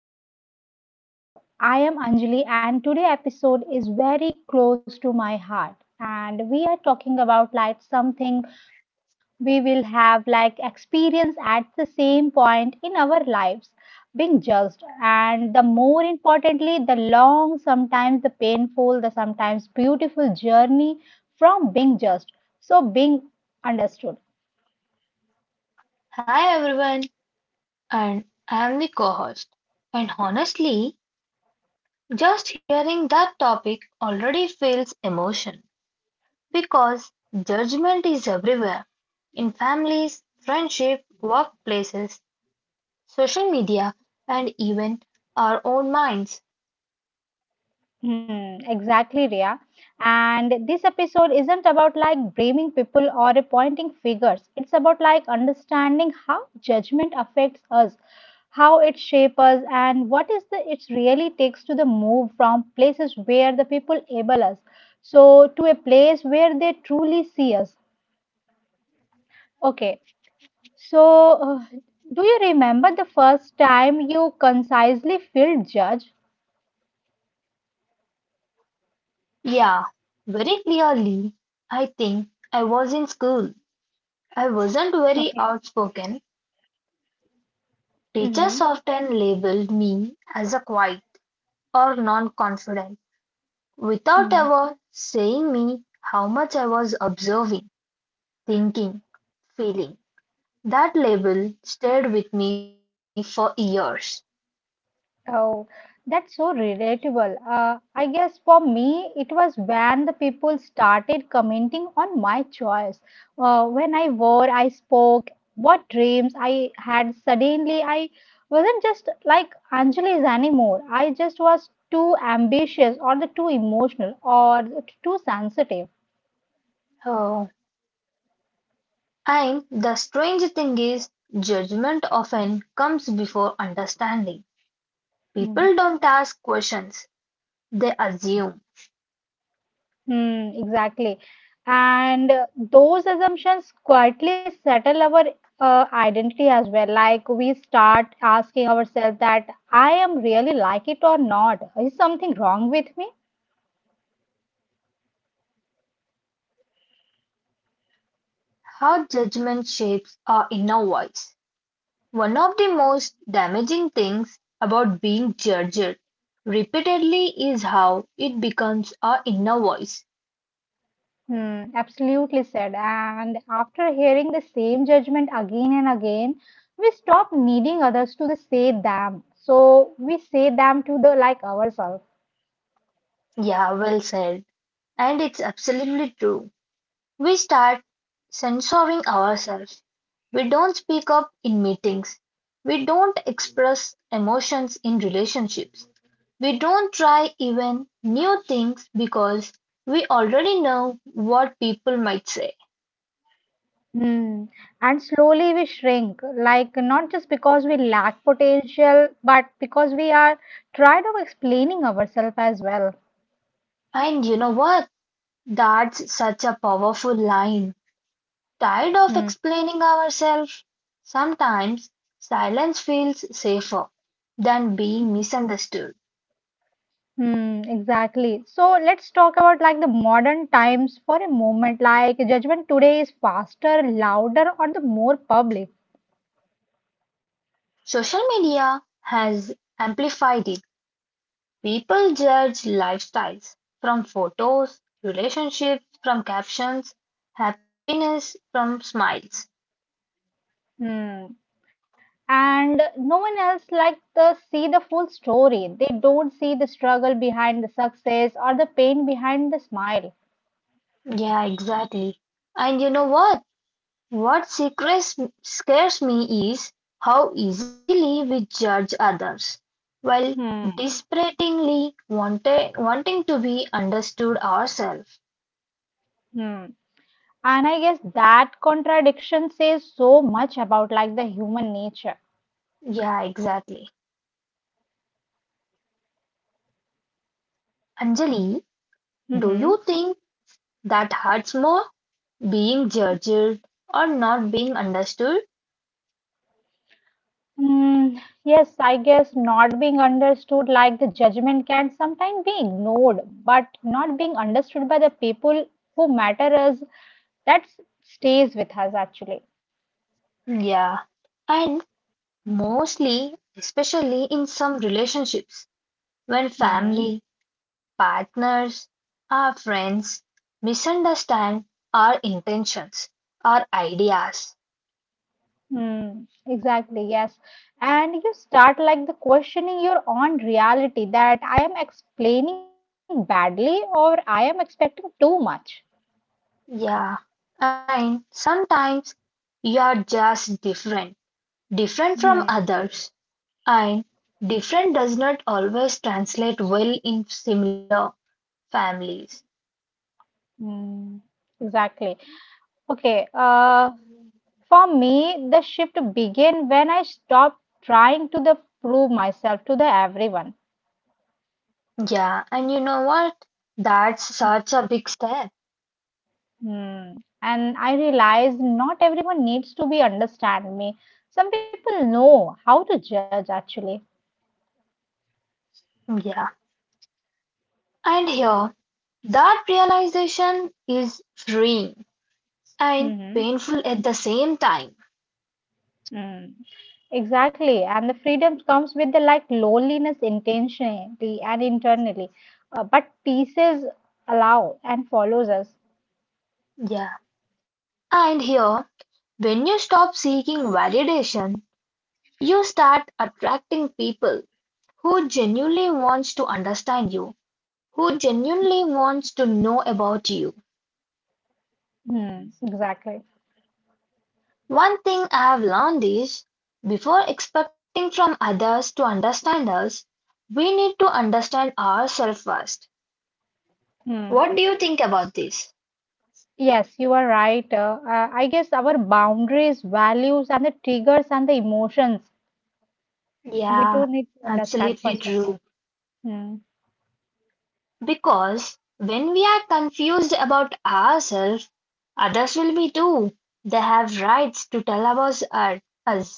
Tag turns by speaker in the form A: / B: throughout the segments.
A: everyone and welcome back to the show. I am Anjali and today episode is very close to my heart and we are talking about like something we will have like experience at the same point in our lives being judged and the more importantly the long sometimes the painful the sometimes beautiful journey from being judged so being understood.
B: Hi everyone, and I am the co host. And honestly, just hearing that topic already feels emotion because judgment is everywhere in families, friendship, workplaces, social media, and even our own minds.
A: Exactly, Ria. And this episode isn't about like blaming people or pointing figures. It's about like understanding how judgment affects us, how it shapes us, and what is the it really takes to the move from places where the people able us, so to a place where they truly see us. Okay, so uh, do you remember the first time you concisely feel judged?
B: Yeah, very clearly, I think I was in school. I wasn't very
A: Okay.
B: outspoken.
A: Mm-hmm.
B: Teachers often labeled me as a quiet or non confident without
A: Hmm.
B: ever saying me how much I was observing, thinking, feeling. That label stayed with me for years.
A: Oh, that's so relatable. I guess for me, it was when the people started commenting on my choice. When I wore, I spoke, what dreams I had. Suddenly, I wasn't just like Anjali is anymore. I just was too ambitious, or the too emotional, or too sensitive.
B: Oh. And the strange thing is, judgment often comes before understanding.
A: Hmm.
B: People don't ask questions, they assume
A: Hmm, exactly. And those assumptions quietly settle our identity as well. Like we start asking ourselves that I am really like it or not. Is something wrong with me?
B: how judgment shapes our inner voice. One of the most damaging things about being judged repeatedly is how it becomes our inner voice.
A: Hmm, absolutely said. And after hearing the same judgment again and again, we stop needing others to the say them. So we say them to the like ourselves.
B: Yeah, well said. And it's absolutely true. We start censoring ourselves. We don't speak up in meetings. We don't express emotions in relationships. We don't try even new things because we already know what people might say.
A: Hmm. And slowly we shrink, like not just because we lack potential, but because we are tired of explaining ourselves as well.
B: And you know what? That's such a powerful line. Tired of
A: Hmm.
B: explaining ourselves? Sometimes silence feels safer than being misunderstood.
A: Hmm, exactly. So let's talk about like the modern times for a moment. Like judgment today is faster, louder, or the more public.
B: Yeah, social media has amplified it. People judge lifestyles from photos, relationships from captions, happiness from smiles.
A: Hmm. And no one else like the see the full story. They don't see the struggle behind the success or the pain behind the smile.
B: Yeah, exactly. And you know what? What secrets scares me is how easily we judge others while
A: Hmm.
B: desperately wanted, wanting to be understood ourselves.
A: Hmm. And I guess that contradiction says so much about like the human nature.
B: Yeah, exactly. Anjali, do you
A: Mm-hmm.
B: think that hurts more, being judged or not being understood.
A: Hmm, yes, I guess not being understood like the judgment can sometimes be ignored, but not being understood by the people who matter us, that stays with us actually.
B: Yeah. And mostly, especially in some relationships, when
A: Mm-hmm.
B: family, partners, our friends misunderstand our intentions, our ideas.
A: Hmm, exactly, yes. And you start like the questioning your own reality that I am explaining badly or I am expecting too much.
B: Yeah. And sometimes you are just different, different from others. And different does not always translate well in similar families.
A: Mm, exactly. Okay. For me, the shift began when I stopped trying to the prove myself to the everyone.
B: Yeah, and you know what? That's such a big step.
A: Mm. And I realized not everyone needs to be understand me. Some people know how to judge actually.
B: Yeah. And here, that realization is freeing and
A: Hmm.
B: painful at the same time.
A: Mm. Exactly. And the freedom comes with the like loneliness intentionally and internally, but pieces allow and follows us.
B: Yeah. And here, when you stop seeking validation, you start attracting people who genuinely wants to understand you, who genuinely wants to know about you.
A: Mm, exactly.
B: One thing I've learned is, before expecting from others to understand us, we need to understand ourselves first.
A: Mm.
B: What do you think about this?
A: Yes, you are right. I guess our boundaries, values, and the triggers and the emotions, we
B: Yeah,
A: do need to understand
B: absolutely
A: first of all.
B: true.
A: Hmm.
B: Because when we are confused about ourselves, others will be too. They have rights to tell about us.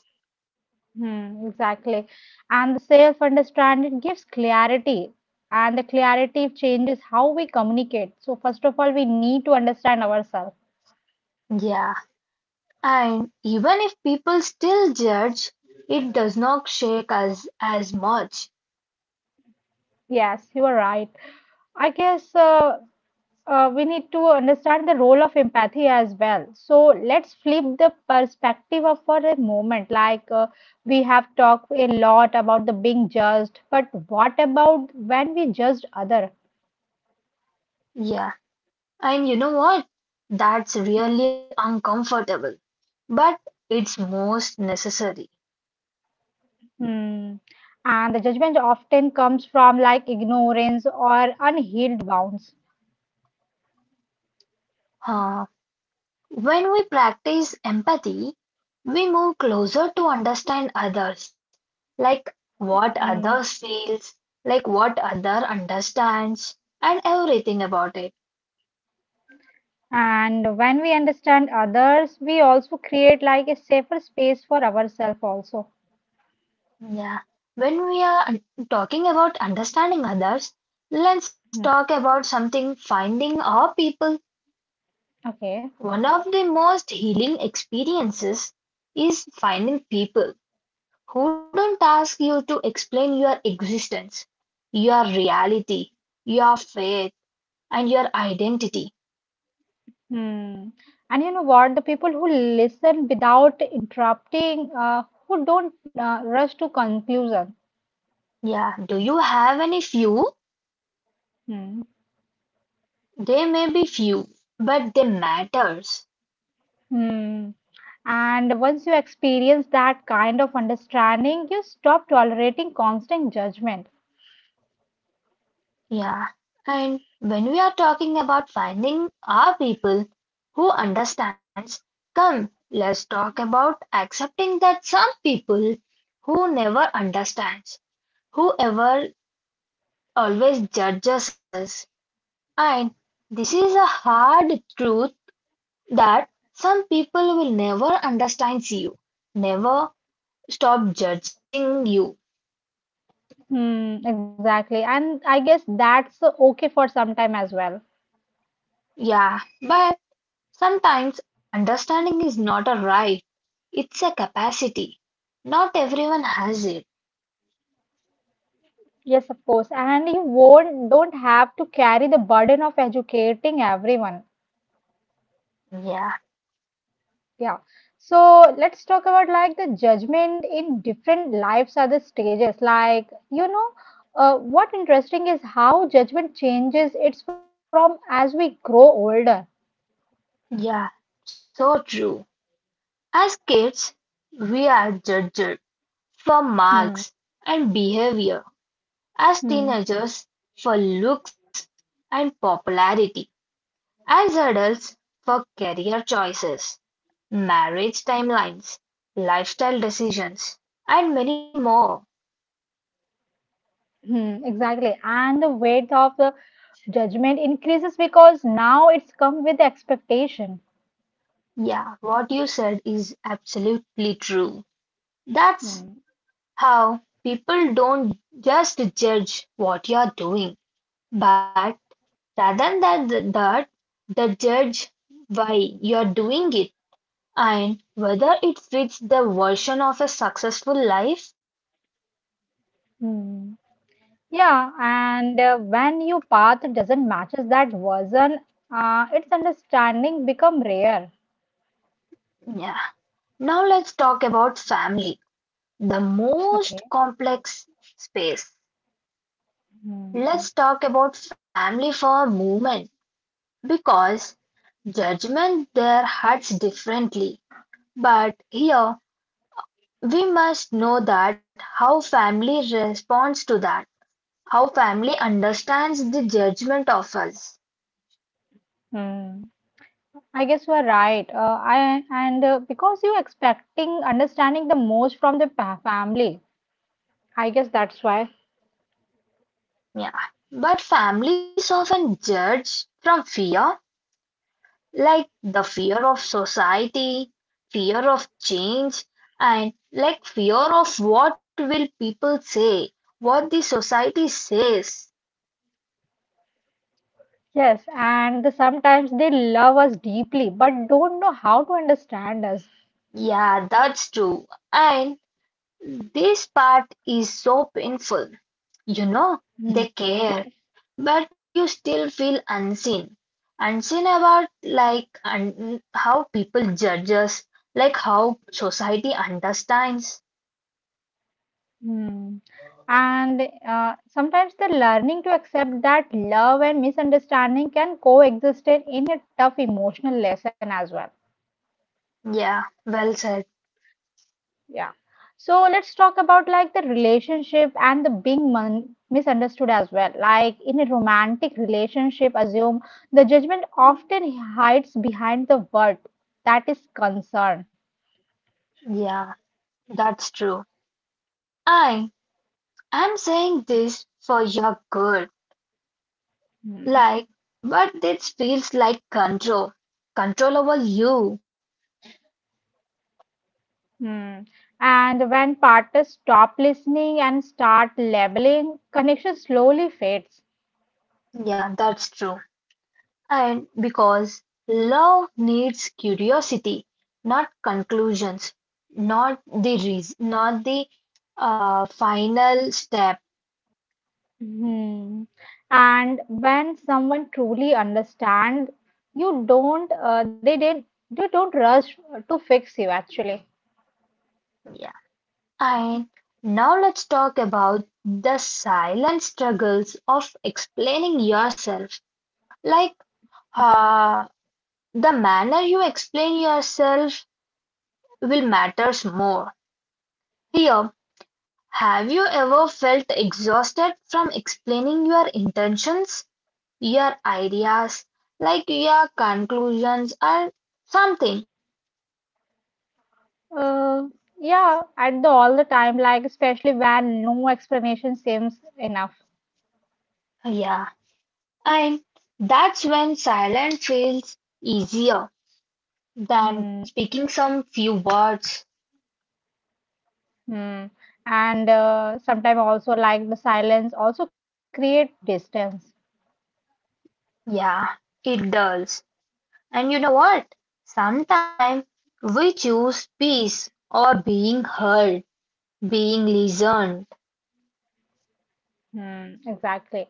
A: Hmm, exactly. And the self-understanding gives clarity, and the clarity changes how we communicate. So first of all, we need to understand ourselves.
B: Yeah. And even if people still judge, it does not shake us as much.
A: Yes, you are right. I guess we need to understand the role of empathy as well. So let's flip the perspective of for a moment. Like we have talked a lot about the being judged, but what about when we judge other?
B: Yeah. And you know what? That's really uncomfortable, but it's most necessary.
A: Hmm. And the judgment often comes from like ignorance or unhealed wounds.
B: Huh. When we practice empathy, we move closer to understand others, like what
A: Hmm.
B: others feels, like what other understands, and everything about it.
A: And when we understand others, we also create like a safer space for ourselves also.
B: Yeah. When we are talking about understanding others, let's
A: Hmm.
B: talk about something finding our people.
A: Okay.
B: One of the most healing experiences is finding people who don't ask you to explain your existence, your reality, your faith, and your identity.
A: Hmm. And you know what? The people who listen without interrupting, who don't rush to conclusion.
B: Yeah, do you have any few?
A: Hmm.
B: They may be few, but they matters.
A: Hmm. And once you experience that kind of understanding, you stop tolerating constant judgment.
B: Yeah. And when we are talking about finding our people who understands, come, let's talk about accepting that some people who never understands, whoever always judges us. And this is a hard truth that some people will never understand you, never stop judging you.
A: Hmm. Exactly. And I guess that's okay for some time as well.
B: Yeah, but sometimes understanding is not a right, it's a capacity. Not everyone has it.
A: Yes, of course. And you won't don't have to carry the burden of educating everyone.
B: Yeah,
A: Yeah. So let's talk about like the judgment in different lives are the stages. Like, you know, what interesting is how judgment changes it's from as we grow older.
B: yeah, so true. As kids, we are judged for marks
A: Hmm.
B: and behavior. As
A: Hmm.
B: teenagers, for looks and popularity. As adults, for career choices, marriage timelines, lifestyle decisions, and many more.
A: Hmm, exactly. And the weight of the judgment increases because now it's come with expectation.
B: Yeah, what you said is absolutely true. That's
A: Hmm.
B: how people don't just judge what you're doing, but rather than that, they judge why you're doing it and whether it fits their version of a successful life.
A: Hmm. Yeah, and when your path doesn't matches that version, its understanding become rare.
B: Yeah. Now let's talk about family, the most
A: Okay.
B: complex space.
A: Hmm.
B: Let's talk about family for a moment because judgment there hurts differently. But here we must know that how family responds to that, how family understands the judgment of us.
A: Hmm. I guess you are right. I and because you're expecting understanding the most from the family, I guess that's why.
B: Yeah. But families often judge from fear, like the fear of society, fear of change, and like fear of what will people say, what the society says.
A: Yes, and the- sometimes they love us deeply, but don't know how to understand us.
B: Yeah, that's true. And this part is so painful. You know,
A: Hmm.
B: they care but you still feel unseen, unseen about like how people judge us, like how society understands.
A: Mm. And sometimes the learning to accept that love and misunderstanding can coexist in a tough emotional lesson as well.
B: Yeah, well said.
A: Yeah. So let's talk about like the relationship and the being misunderstood as well. Like in a romantic relationship, assume the judgment often hides behind the word that is concern.
B: Yeah, that's true. I am saying this for your good.
A: Hmm.
B: Like, but it feels like control, control over you.
A: Hmm. And when partners stop listening and start labeling, connection slowly fades.
B: Yeah, that's true. And because love needs curiosity. Not conclusions, not the reason, not the final step.
A: Hmm. And when someone truly understands, you don't, uh, they didn't, you don't rush to fix you actually.
B: Yeah. And now let's talk about the silent struggles of explaining yourself. Like uh, the manner you explain yourself will matters more. Here, have you ever felt exhausted from explaining your intentions, your ideas, like your conclusions or something?
A: Uh, yeah, at the all the time, like especially when no explanation seems enough.
B: Yeah, and that's when silence feels easier than
A: Hmm.
B: speaking some few words.
A: Hmm. And sometimes also like the silence also create distance.
B: Yeah, it does. And you know what? Sometimes we choose peace or being heard, being listened.
A: Hmm. Exactly.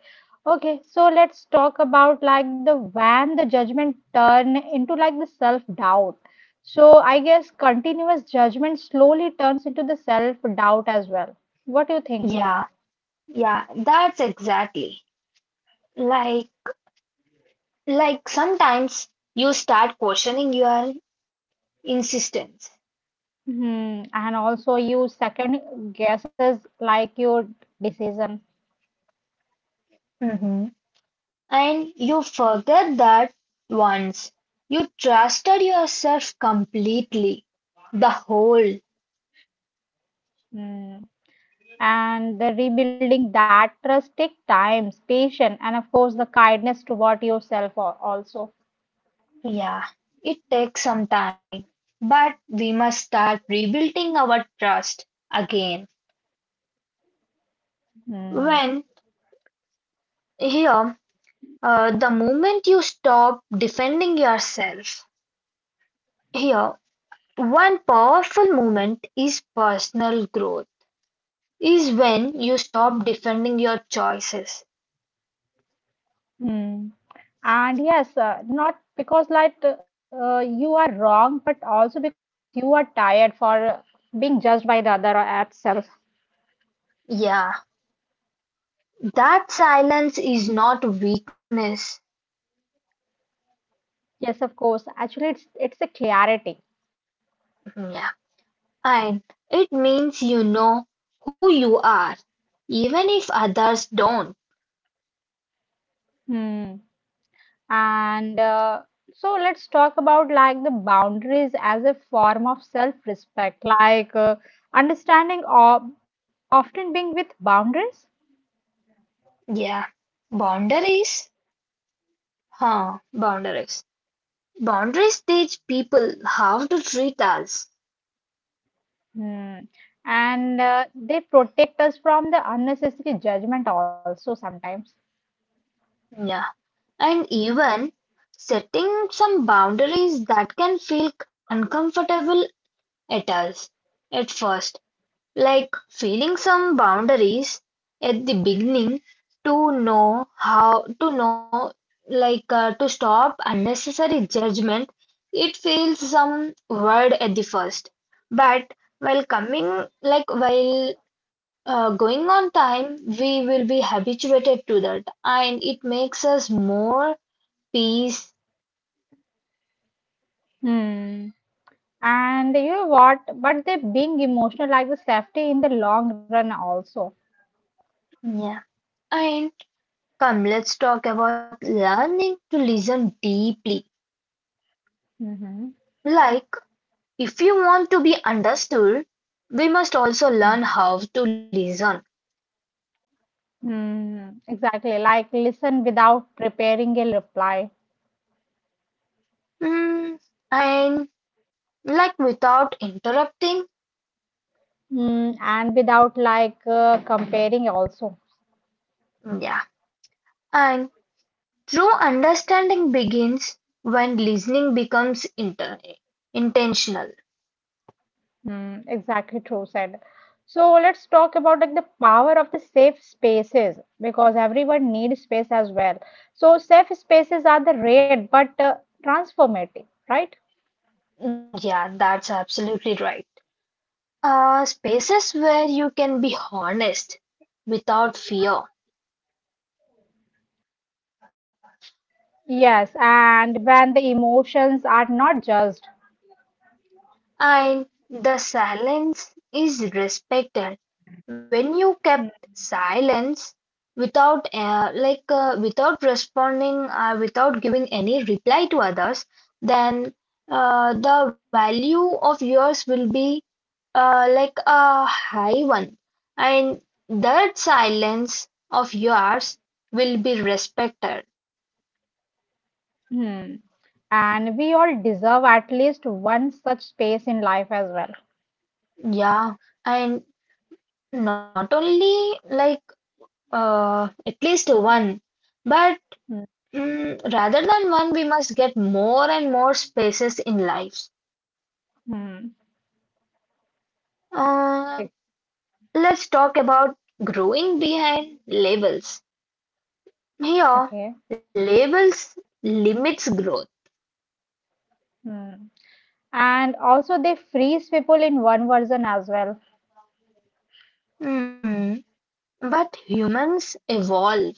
A: Okay, so let's talk about like the when the judgment turn into like the self doubt. So I guess continuous judgment slowly turns into the self doubt as well. What do you think?
B: Yeah, yeah, that's exactly. Like, like sometimes you start questioning your insistence.
A: Mhm. And also, you second guesses like your decision.
B: Mhm. And you forget that once you trusted yourself completely, the whole.
A: Hmm. And the rebuilding that trust take time, patience, and of course, the kindness toward yourself also.
B: Yeah, it takes some time, but we must start rebuilding our trust again.
A: Hmm.
B: When here, the moment you stop defending yourself, here, one powerful moment is personal growth, is when you stop defending your choices.
A: Hmm. And yes, not because like you are wrong, but also because you are tired for being judged by the other at self.
B: Yeah, that silence is not weakness.
A: Yes, of course. Actually, it's a clarity.
B: Yeah, and it means you know who you are, even if others don't.
A: Hmm. And so let's talk about like the boundaries as a form of self-respect, like understanding of often being with boundaries.
B: Yeah. Boundaries? Huh, boundaries. Boundaries teach people how to treat us.
A: Hmm. And they protect us from the unnecessary judgment also sometimes.
B: Yeah. And even setting some boundaries that can feel uncomfortable at us at first. Like feeling some boundaries at the beginning to know how to know like to stop unnecessary judgment, it feels some word at the first, but while coming like while going on time we will be habituated to that and it makes us more peace.
A: Hmm. And you know what? But they being emotional like the safety in the long run also.
B: Yeah, and come, let's talk about learning to listen deeply.
A: Mm-hmm.
B: Like if you want to be understood, we must also learn how to listen.
A: Mm, exactly. Like listen without preparing a reply.
B: Mm, and like without interrupting.
A: Mm, and without like comparing also.
B: Yeah. And true understanding begins when listening becomes intentional.
A: Mm, exactly true said. So let's talk about like the power of the safe spaces because everyone needs space as well. So safe spaces are the rare but transformative, right?
B: Yeah, that's absolutely right. Spaces where you can be honest without fear
A: Yes, and when the emotions are not judged.
B: and the silence is respected. When you kept silence, without like without responding, without giving any reply to others, then the value of yours will be like a high one, and that silence of yours will be respected.
A: Hmm. And we all deserve at least one such space in life as well.
B: Yeah, and not only like at least one, but mm, rather than one, we must get more and more spaces in lives.
A: Hmm.
B: Uh,
A: Ex-
B: let's talk about growing behind labels.
A: Okay.
B: Here, labels limits growth.
A: Hmm. And also, they freeze people in one version as well.
B: Hmm, but humans evolve.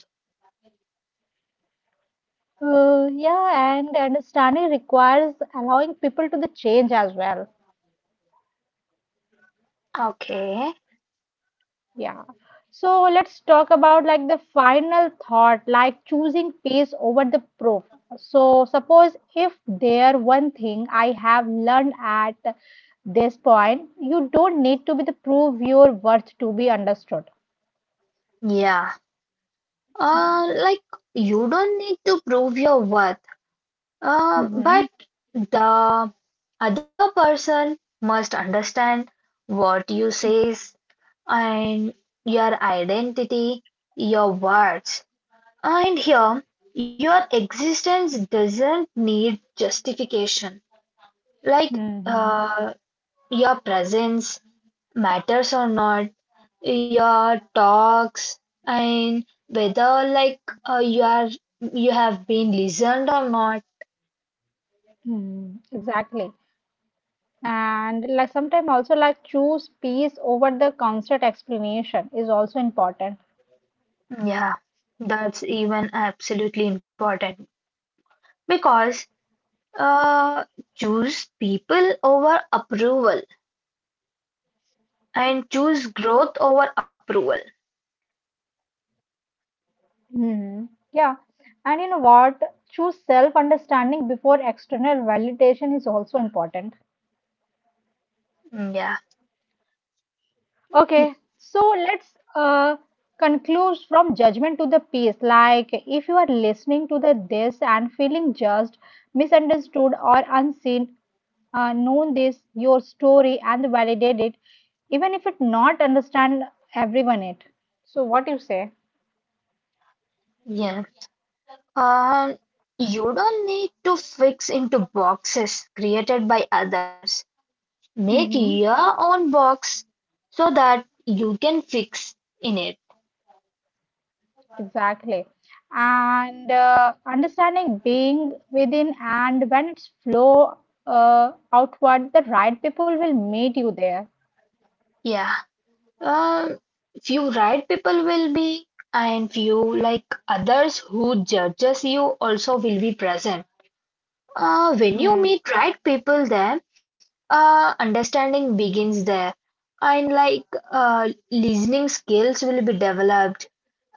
A: Yeah, and understanding requires allowing people to the change as well.
B: Okay.
A: Yeah. So let's talk about like the final thought, like choosing peace over the proof. So suppose if there one thing I have learned at this point, you don't need to be the prove your worth to be understood.
B: Yeah. Like you don't need to prove your worth.
A: Mm-hmm.
B: But the other person must understand what you says and your identity, your words. And here, your existence doesn't need justification. Like
A: Mm-hmm.
B: uh, your presence matters or not, your talks, and whether like you are you have been listened or not.
A: Mm-hmm. Exactly. And like sometimes also like choose peace over the constant explanation is also important.
B: Yeah, that's even absolutely important because uh, choose people over approval and choose growth over approval.
A: Hmm. Yeah. And you know what? Choose self understanding before external validation is also important.
B: Mm, yeah,
A: Okay. So let's conclude from judgment to the peace. Like if you are listening to the this and feeling judged, misunderstood or unseen, know this your story and validate it even if it not understand everyone it. So, what you say?
B: yeah. Um, you don't need to fix into boxes created by others. Make
A: Hmm,
B: your own box so that you can fix in it.
A: exactly. And understanding being within and when it's flow outward the right people will meet you there.
B: Yeah. Uh, few right people will be, and few like others who judges you also will be present. When you
A: Hmm.
B: meet right people there, understanding begins there, and like listening skills will be developed,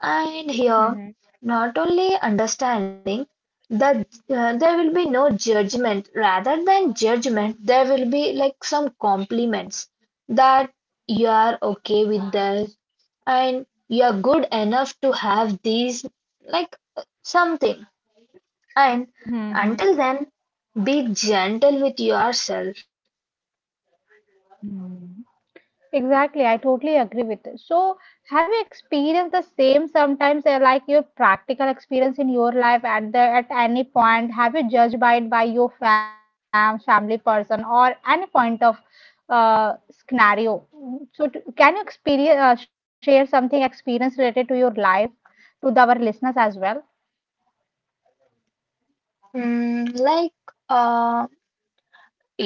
B: and
A: Hmm.
B: here, not only understanding that there will be no judgment, rather than judgment, there will be like some compliments that you are okay with this and you are good enough to have these, like something. And
A: Hmm. Hmm.
B: until then, be gentle with yourself.
A: Hmm. Exactly, I totally agree with it. So, have you experienced the same sometimes, like your practical experience in your life at the at any point? Have you judged by it by your family person or any point of uh, scenario? So, can you experience share something experience related to your life to the, our listeners as well?
B: Mm, like, uh,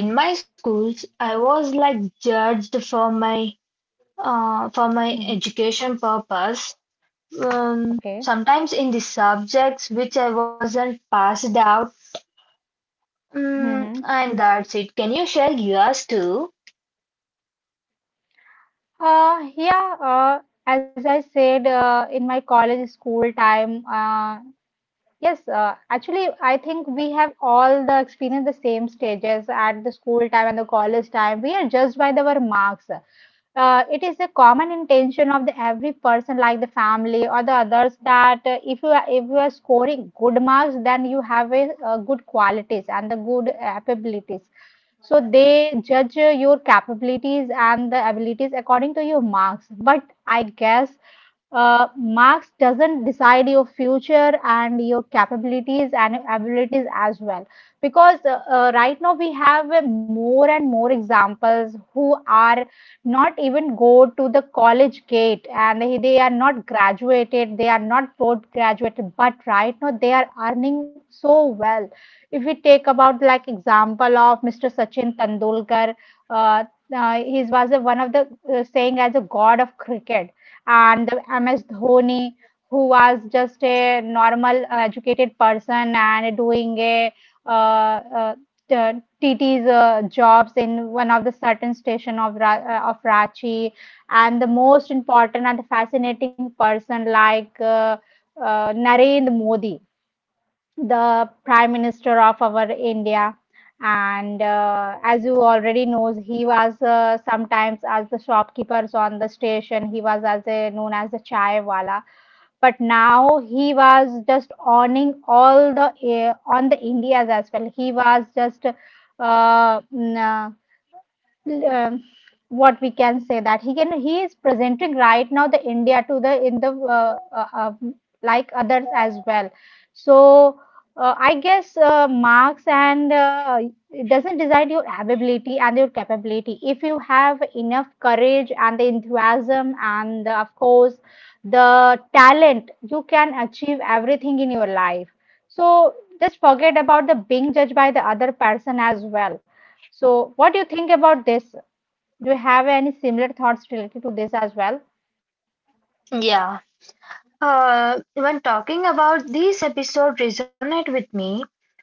B: in my schools, I was like judged for my
A: Hmm.
B: education purpose.
A: Okay.
B: Sometimes in the subjects which I wasn't passed out, mm,
A: Hmm.
B: and that's it. Can you share yours too?
A: Yeah, as I said, in my college school time. Yes, actually, I think we have all the experience the same stages at the school time and the college time. We are judged by the- our marks. It is a common intention of the every person like the family or the others that if you are scoring good marks then you have a, good qualities and the good abilities. So they judge your capabilities and the abilities according to your marks, but I guess marks doesn't decide your future and your capabilities and abilities as well, because right now we have more and more examples who are not even go to the college gate and they are not graduated, they are not board graduated, but right now they are earning. So if we take about like example of Mr. Sachin Tendulkar, uh, he was a, one of the saying as a god of cricket, and the MS Dhoni, who was just a normal educated person and doing a uh, uh, uh, TT's jobs in one of the certain station of Ranchi, and the most important and the fascinating person like Narendra Modi, the prime minister of our india. And as you already knows he was sometimes as the shopkeepers on the station, he was as a known as the chai wala, but now he was just owning all the on the indias as well. He was just uh, mm, uh, um, what we can say that he is presenting right now the India to the in the like others as well. So I guess marks and it doesn't decide your ability and your capability. If you have enough courage and the enthusiasm and the, of course the talent, you can achieve everything in your life. So just forget about the being judged by the other person as well. So, what do you think about this? Do you have any similar thoughts related to this as well?
B: Yeah. When talking about this episode resonate with me,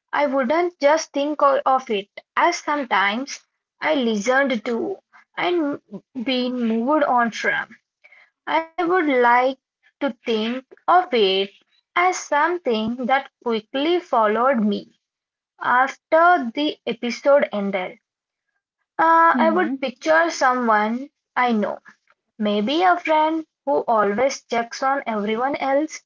B: I wouldn't just think of it as sometimes I listened to and been moved on from. I would like to think of it as something that quickly followed me after the episode ended. I would
A: Mm-hmm.
B: picture someone I know, maybe a friend who always checks on everyone else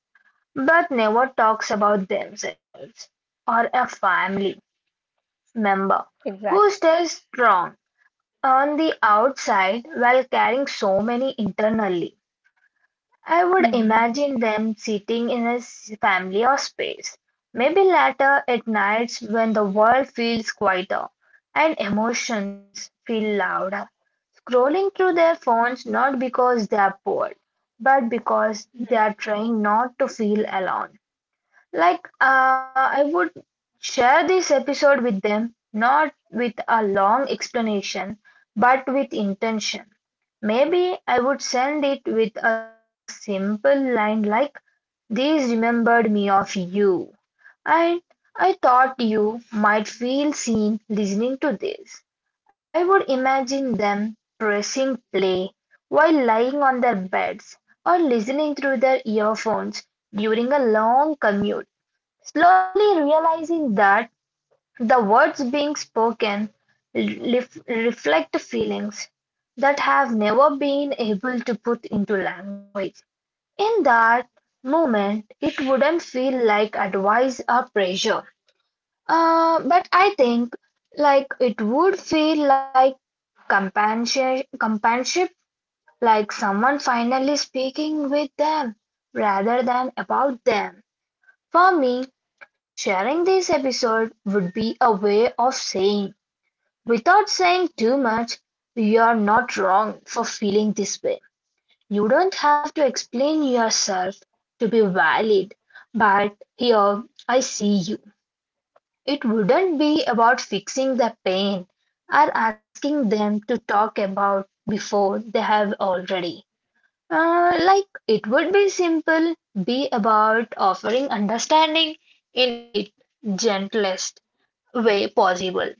B: but never talks about themselves, or a family member
A: Exactly.
B: who stays strong on the outside while carrying so many internally. I would
A: Mm-hmm.
B: imagine them sitting in a family or space, maybe later at nights when the world feels quieter and emotions feel louder, scrolling through their phones not because they are bored, but because they are trying not to feel alone. Like, I would share this episode with them, not with a long explanation, but with intention. Maybe I would send it with a simple line like, "This remembered me of you, and I thought you might feel seen listening to this." I would imagine them pressing play while lying on their beds or listening through their earphones during a long commute, slowly realizing that the words being spoken reflect feelings that have never been able to put into language. In that moment, it wouldn't feel like advice or pressure. But I think like it would feel like companionship, like someone finally speaking with them rather than about them. For me, sharing this episode would be a way of saying without saying too much, you're not wrong for feeling this way. You don't have to explain yourself to be valid, but here I see you. It wouldn't be about fixing their pain or asking them to talk about before they have already. Like it would be simple, be about offering understanding in its gentlest way possible.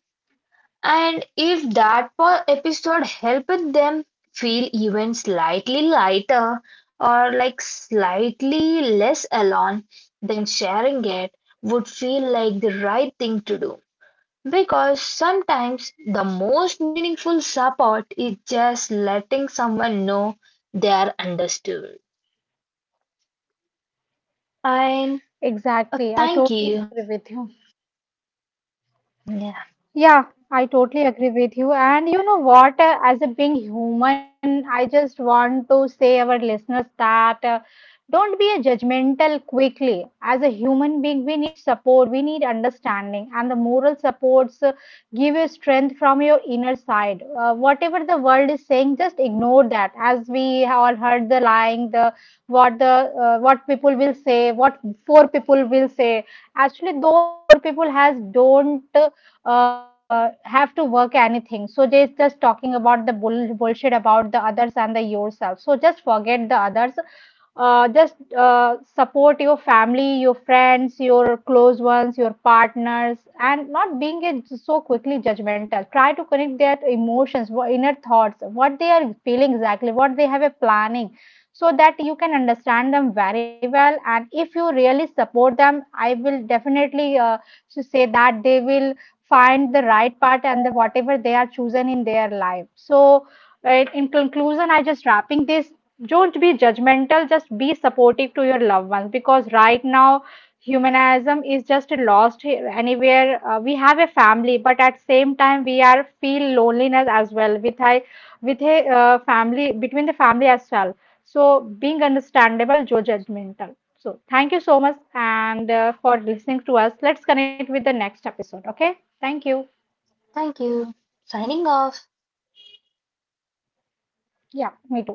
B: And if that episode helped them feel even slightly lighter or like slightly less alone, then sharing it would feel like the right thing to do. Because sometimes the most meaningful support is just letting someone know they are understood. And
A: Exactly. I
B: thank
A: totally
B: you.
A: agree with you.
B: Yeah,
A: Yeah, I totally agree with you. And you know what? As a being human, I just want to say our listeners that don't be a judgmental quickly. As a human being, we need support, we need understanding, and the moral supports give you strength from your inner side. Whatever the world is saying, just ignore that. As we have all heard the lying, the what people will say, what four people will say, actually those four people has don't have to work anything. So they just talking about the bullshit about the others and the yourself. So just forget the others. Just support your family, your friends, your close ones, your partners, and not being a, so quickly judgmental. Try to connect their emotions, inner thoughts, what they are feeling exactly, what they have a planning, so that you can understand them very well. And if you really support them, I will definitely to say that they will find the right part and the whatever they are chosen in their life. So in conclusion I just wrapping this, don't be judgmental, just be supportive to your loved ones, because right now humanism is just lost anywhere. We have a family, but at same time we are feel loneliness as well with a with a family between the family as well. So being understandable, Joe judgmental. So thank you so much and for listening to us. Let's connect with the next episode. Okay. Thank you.
B: thank you. Signing off.
A: Yeah, me too.